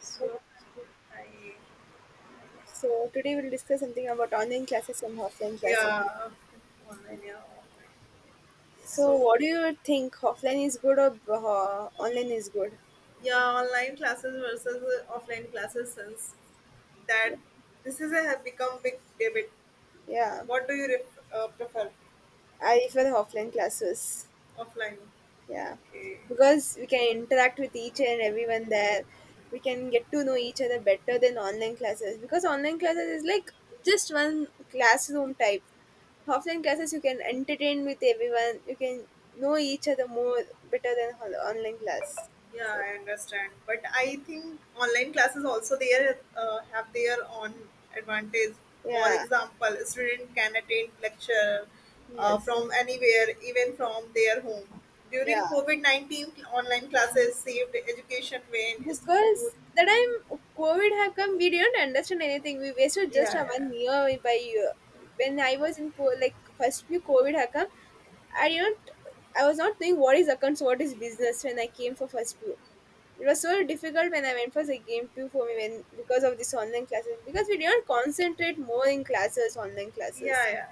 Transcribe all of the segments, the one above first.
So I So today we'll discuss something about online classes and offline classes. yeah online yeah online. So So what do you think offline is good or online is good? yeah online classes versus offline classes since that this is a have become big debate. Yeah, What do you prefer I prefer the offline classes. offline? Yeah, Okay. because we can interact with each and everyone there. We can get to know each other better than online classes because online classes is like just one classroom type. Offline classes you can entertain with everyone. You can know each other more better than online class. Yeah, So I understand. But I think online classes also there have their own advantage. For yeah. example, a student can attend lecture Yes. from anywhere, even from their home. Yeah. During COVID 19, online classes saved education when school. Because that time COVID have come, we didn't understand anything. We wasted just Yeah, a yeah, one year by year. When I was in like first few COVID have come, I didn't. I was not knowing what is accounts, what is business when I came for first few. It was so difficult when I went for the game two for me when because of this online classes because we didn't concentrate more in classes online classes. yeah, yeah.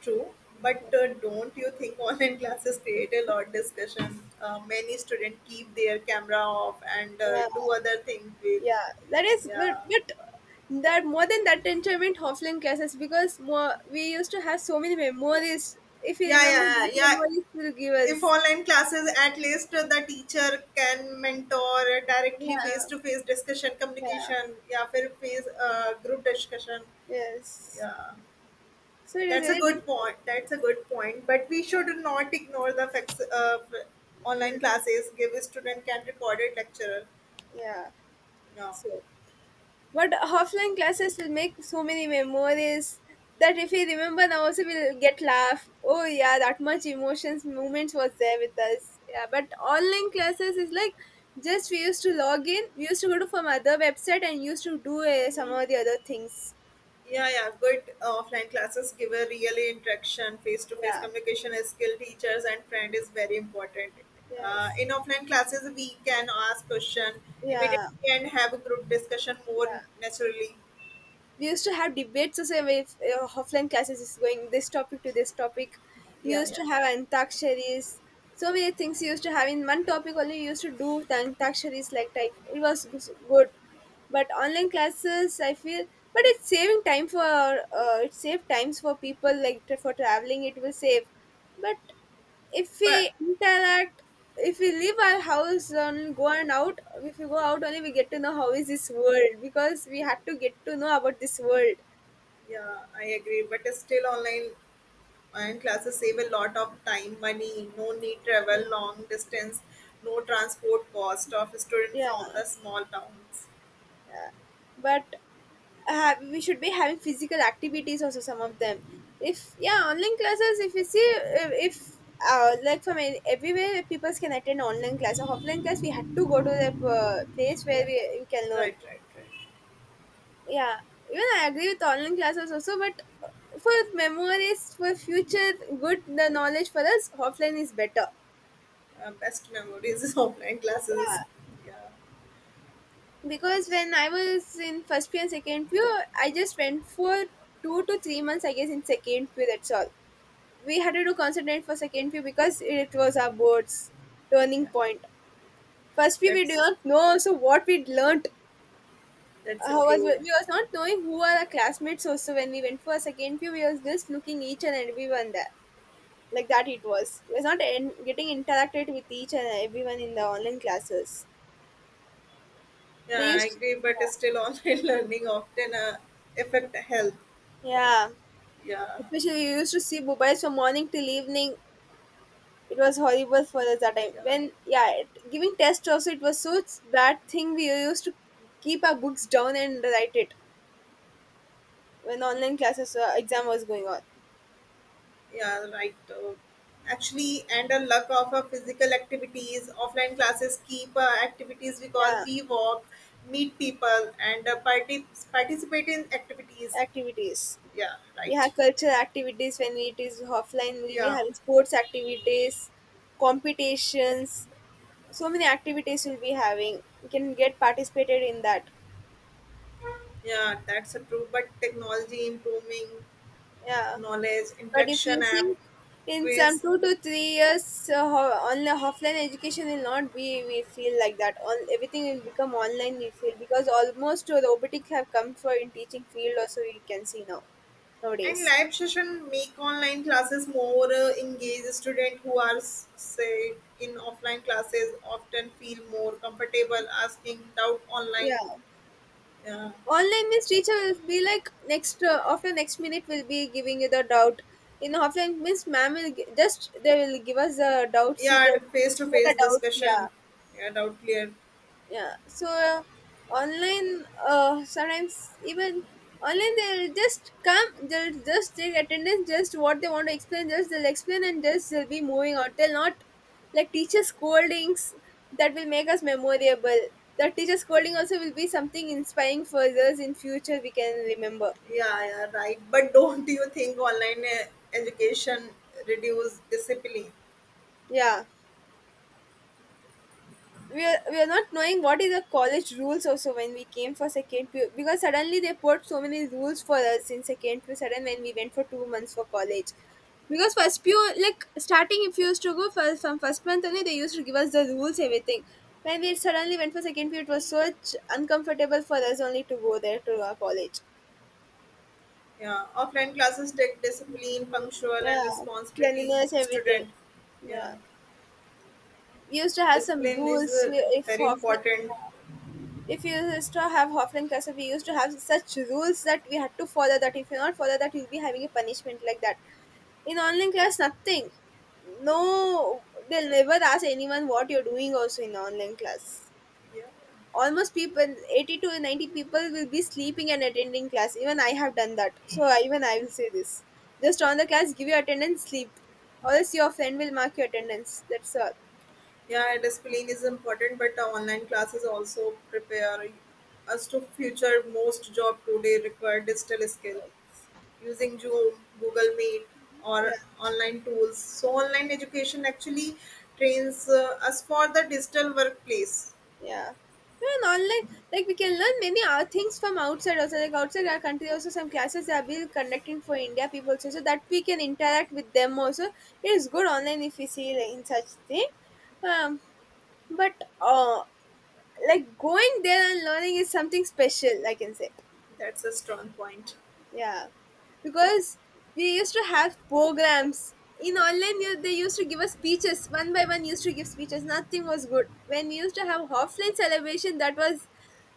True. But don't you think online classes create a lot discussion? Many students keep their camera off and Yeah. do other things with. Yeah, that is good. Yeah. But that more than that enjoyment offline classes because more we used to have so many memories. If you Yeah, remember yeah, that yeah, yeah. memories will give If us. online classes, at least the teacher can mentor directly face Yeah, to face discussion, yeah, communication. Yeah, फिर face group discussion. yes. Yeah, So it is that's a very good difficult. point. That's a good point. But we should not ignore the facts of Yeah, online classes. Give a yeah, student can recorded lecturer. yeah. No. So but offline classes will make so many memories that if we remember now also we'll get laugh. Oh yeah, that much emotions moments was there with us. Yeah, but online classes is like just we used to log in, we used to go to from other website and used to do some of the other things. Yeah, yeah. Good offline classes give a real interaction. Face to face Yeah. communication, skill teachers, and friend is very important. Yes. In offline classes, we can ask question Yeah. immediately and have a group discussion more Yeah. naturally. We used to have debates the same way, offline classes is going this topic to this topic. We Yeah, used to yeah. have antakshari's, so many things we used to have in one topic only. We used to do antakshari's like type. It was good, but online classes I feel, but it's saving time for, it save times for people like for traveling it will save. But if we But interact, if we leave our house and go and out, if we go out only we get to know how is this world because we had to get to know about this world. yeah, I agree. But still, online classes save a lot of time, money. No need travel Yeah, long distance. No transport cost of student yeah. from the small towns. But have, we should be having physical activities also some of them. If yeah online classes, if you see, if like from everywhere people can attend online class of offline class. We had to go to the place where Yeah, we can learn. right, right, right. Yeah, even I agree with online classes also, but for memories, for future good, the knowledge for us offline is better. Uh, best memories is offline classes. Yeah, Yeah, because when I was in first pew and second pew, I just went for 2 to 3 months I guess in second pew, that's all. We had to do concentrate for second pew because it was our board's turning yeah, point. point First pew we do that's not know also what we learnt. that's a How was true. we, was not knowing who are our classmates also. When we went for second pew, we was just looking each and everyone there, like that. It was not in, getting interacted with each and everyone in the online classes. Yeah, They I used. agree. But still, online learning often affect health. Yeah, Yeah, especially you used to see mobiles from morning till evening. It was horrible for us that time yeah, when, yeah, it, giving tests also it was so bad thing. We used to keep our books down and write it when online classes exam was going on. yeah. Right. Actually, and a lack of physical activities. Offline classes keep activities because Yeah, we walk, meet people, and participate in activities. activities. Yeah, We right. have cultural activities when it is offline, we'll be Yeah, having sports activities, competitions, so many activities we'll be having. We can get participated in that. yeah. That's a true. But technology improving Yeah, knowledge, but if we interaction app, see in some quiz, 2 to 3 years online offline education will not be, we feel like that on everything will become online, we feel, because almost robotics have come for in teaching field also, we can see now and nowadays. live session make online classes more engaged. Students who are s- say in offline classes often feel more comfortable asking doubt online. Yeah, Yeah, online means teacher will be like next, after next minute will be giving you the doubt. In offline means ma'am will just they will give us the doubts. They yeah, will face to clear the face doubts, yeah. discussion. Yeah, doubt clear. Yeah, so online, sometimes even online they'll just come, they'll just take attendance, just what they want to explain just they'll explain, and just they'll be moving out, they'll not, like teacher scoldings that will make us memorable. That teacher scolding also will be something inspiring for us in future, we can remember. Yeah, yeah, right. But don't you think online education reduce discipline? Yeah, we are not knowing what is the college rules also, when we came for second pu, because suddenly they put so many rules for us in second pu sudden when we went for 2 months for college. Because first pu, like starting if you used to go for, from first month only, they used to give us the rules, everything. When we suddenly went for second pu, it was such uncomfortable for us only to go there to our college. Yeah, offline classes take discipline, punctual, Yeah, and responsibility. cleanliness, everything. Student. Yeah, Yeah. we used to have some Discipline is rules, if very often, important. yeah. If you used to have Hoffman cursor, we used to have such rules that we had to follow, that if you not follow that, you'll be having a punishment like that. In online class, nothing. No, they'll never ask anyone what you're doing also in online class. Yeah, Almost people, 80 to 90 people will be sleeping and attending class. Even I have done that. So even I will say this. Just on the class, give your attendance, sleep. Or else your friend will mark your attendance. That's all. yeah, discipline is important, but online classes also prepare us to future. Most job today require digital skill using Zoom, Google Meet, Yeah. or online tools. So online education actually trains us for the digital workplace. Yeah. Even online, like, we can learn many things from outside also. Like outside our country, also some classes are being conducting for India people also, so that we can interact with them also. It is good online if we see like, in such thing. Um, but uh, like going there and learning is something special, I can say. That's a strong point. Yeah, because we used to have programs in online. They used to give us speeches one by one. Used to give speeches. Nothing was good when we used to have offline celebration. That was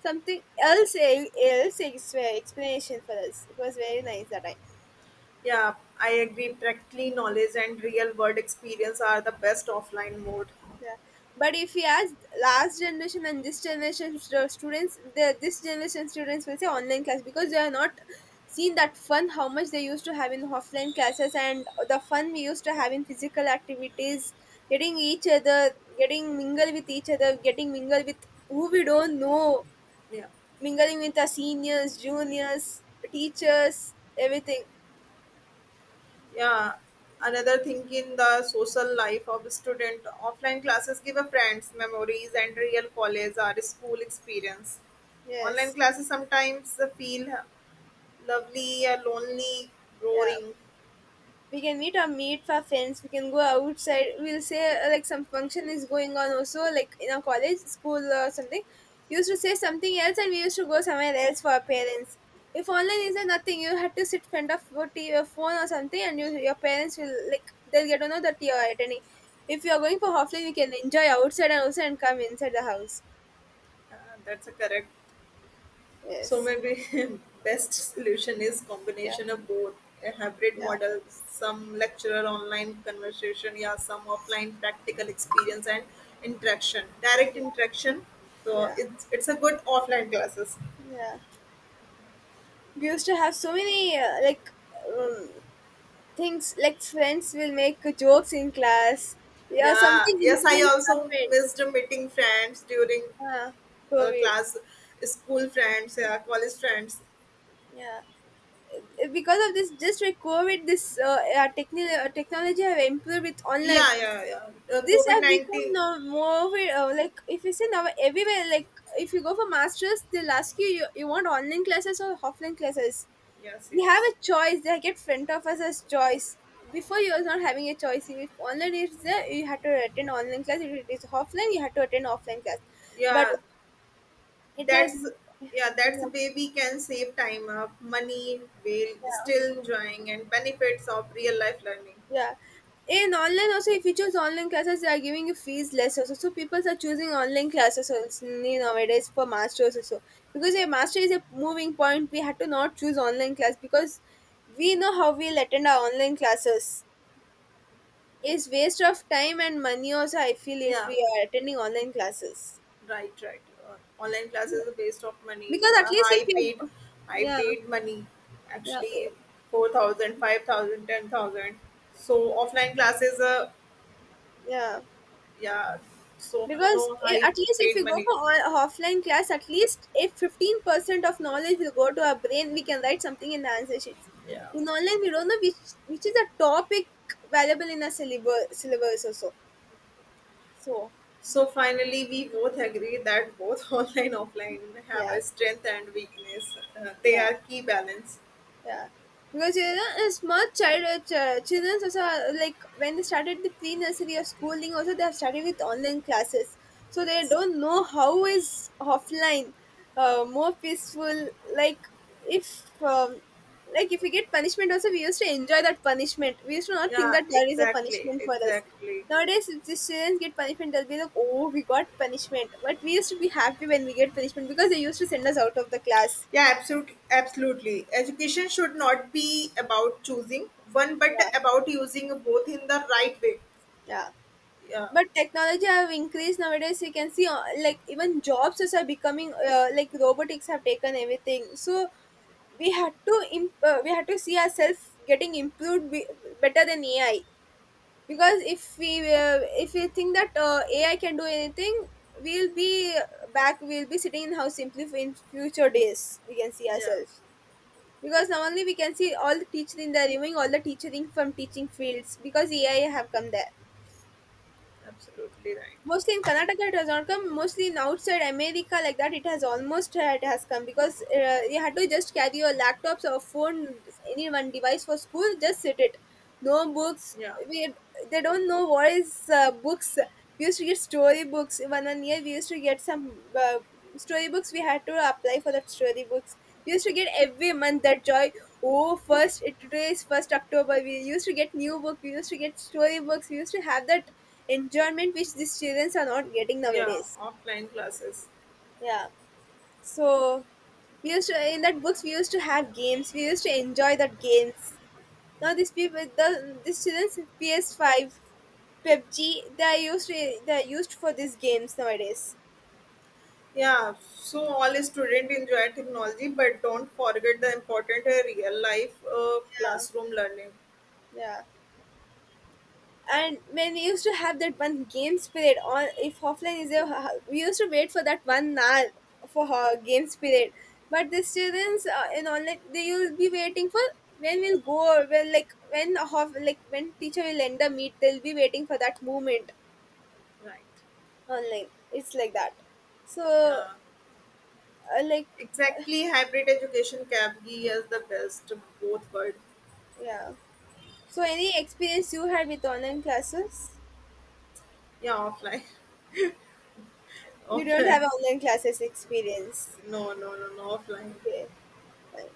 something else. Else explanation for us. It was very nice that I. Yeah, I agree. Practically knowledge and real world experience are the best offline mode. Yeah, but if you ask last generation and this generation students, the this generation students will say online class because they are not seen that fun how much they used to have in offline classes, and the fun we used to have in physical activities, getting each other, getting mingle with each other, getting mingle with who we don't know, Yeah. mingling with our seniors, juniors, teachers, everything. Yeah, another thing in the social life of a student, offline classes give a friends, memories, and real college or school experience. Online Yes. classes sometimes feel lonely, Yeah. boring. We can meet, or meet for friends, we can go outside. We'll say like some function is going on also, like in our college school or something, we used to say something else and we used to go somewhere else for our parents. If online is there, nothing, you had to sit in front of your TV, or phone or something, and you, your parents will like they'll get to know that you are attending. If you are going for offline, you can enjoy outside and also and come inside the house. Uh, that's a correct. So Yes. maybe best solution is Yeah. combination of both a hybrid Yeah. model, some lecturer online conversation, yeah, some offline practical experience and interaction, direct interaction. So Yeah. it's a good offline classes. Yeah. We used to have so many um, things like friends will make jokes in class. Yeah, Yeah, something yes, I incident also happened. missed meeting friends during Ah, COVID. class, school friends, yeah, college friends. Yeah, because of this, just like COVID, this technology have improved with online. Yeah, yeah, yeah. This COVID have become 19. now more of a, like if you say now everywhere, like if you go for masters, they'll ask you, want online classes or offline classes. Yes, We have yes. a choice, they get front of us as choice. Before you was not having a choice. If online is there, you had to attend online class. If it is offline, you had to attend offline class. But Yeah, it has, that's yeah, yeah, that's a way we can save time up money while yeah. still enjoying and benefits of real life learning. Yeah. In online also, if you choose online classes, they are giving you fees less also, so people are choosing online classes also nowadays for masters also. Because a master is a moving point, we had to not choose online class because we know how we'll attend our online classes, is waste of time and money also I feel, if Yeah, we are attending online classes. right, right. Uh, online classes are waste of Because money, at least if high you, paid high yeah, paid money, yeah, actually 4,000, 5,000, 10,000. So offline classes, yeah. yeah, so Because no high at least if paid you go money. for offline class, at least if 15% of knowledge will go to our brain, we can write something in the answer sheets. Yeah. In online we don't know which is a topic valuable in a syllabus syllabus also. So So finally, we both agree that both online offline have yeah. a strength and weakness. They Yeah. are key balance. Yeah, because a small child, children also are, like when they started the pre nursery or schooling, also they have started with online classes, so they Yes. don't know how is offline, more peaceful. Like if um, like if we get punishment, also we used to enjoy that punishment. We used to not think Yeah. that there is a Exactly. punishment for us. Exactly. Nowadays, if the students get punishment, they'll be like, "Oh, we got punishment," but we used to be happy when we get punishment because they used to send us out of the class. Yeah. Absolutely. Absolutely. Education should not be about choosing one, but Yeah, about using both in the right way. yeah. Yeah. But technology have increased nowadays. You can see, like, even jobs as are becoming, like, robotics have taken everything. So we had to see ourselves getting improved better than AI. Because if we think that AI can do anything, we'll be back we'll be sitting in house simply for in future days we can see Yeah. ourselves. Because now only we can see all the teaching. They're removing all the teaching from teaching fields because AI have come there. Absolutely right. Mostly in Karnataka it has not come. Mostly in outside America like that it has come because you had to just carry your laptops or phone, any one device for school, just sit it. No books. Yeah. We they don't know what is books. We used to get story books. One year we used to get some story books. We had to apply for that story books. We used to get every month that joy. Oh, today is first October. We used to get new book. We used to get story books. We used to have that enjoyment which these children are not getting Yeah. nowadays. Offline classes. Yeah. So we used to, in that books we used to have games. We used to enjoy that games. Now these people, these childrens PS Five, PUBG, they are used for these games nowadays. Yeah, so all students enjoy technology, but don't forget the important real life classroom learning. Yeah. And when we used to have that one games period on, if offline is there, we used to wait for that one hour for her games period. But the students, in online, they will be waiting for when we'll go, well, like when half, like when teacher will end the meet, they'll be waiting for that moment. Right. Online it's like that. So, Yeah, like, exactly. Hybrid education cap as the best of both world. yeah. So any experience you had with online classes? Yeah, offline, You don't have offline. online classes experience? No, no, no, no, offline. Okay, fine.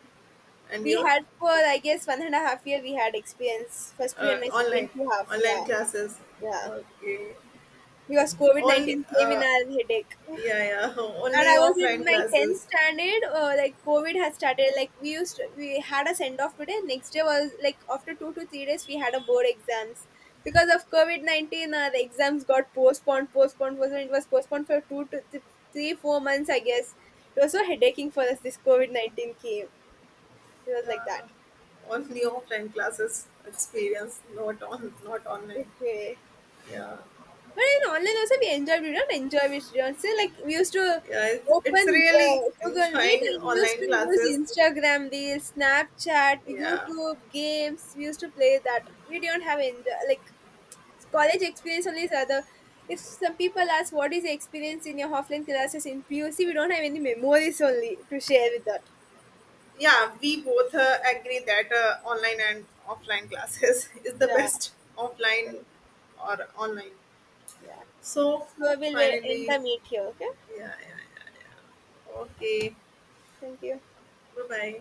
And We your had for, I guess, one and a half year we had experience. First year and my second online, year half, yeah. online classes. Yeah. Okay. Because COVID Only, nineteen came in our headache. yeah, yeah. And Only I was in offline my tenth classes. standard, like COVID had started. Like we had a send off today. Next day was like, after 2 to 3 days, we had a board exams because of COVID-19. The exams got postponed, postponed, postponed. It was postponed for two to three, 4 months, I guess. It was so headaching for us. This COVID-19 came. It was like Yeah, that. only offline classes experience, not online. Okay. Yeah, But in online also we enjoyed. We don't enjoy it. We don't say. Like, we used to yeah, it's open really Google Meet enjoying and we used to online use classes. Instagram, Reels, Snapchat, Yeah, YouTube, games. We used to play that. We don't have enjoy, like college experience only is other. If some people ask what is the experience in your offline classes in PUC, we don't have any memories only to share with that. yeah, we both agree that online and offline classes is the Yeah, best offline or online. yeah. So So we'll end finally, the meet here. Okay, yeah, yeah. Okay, thank you. bye bye.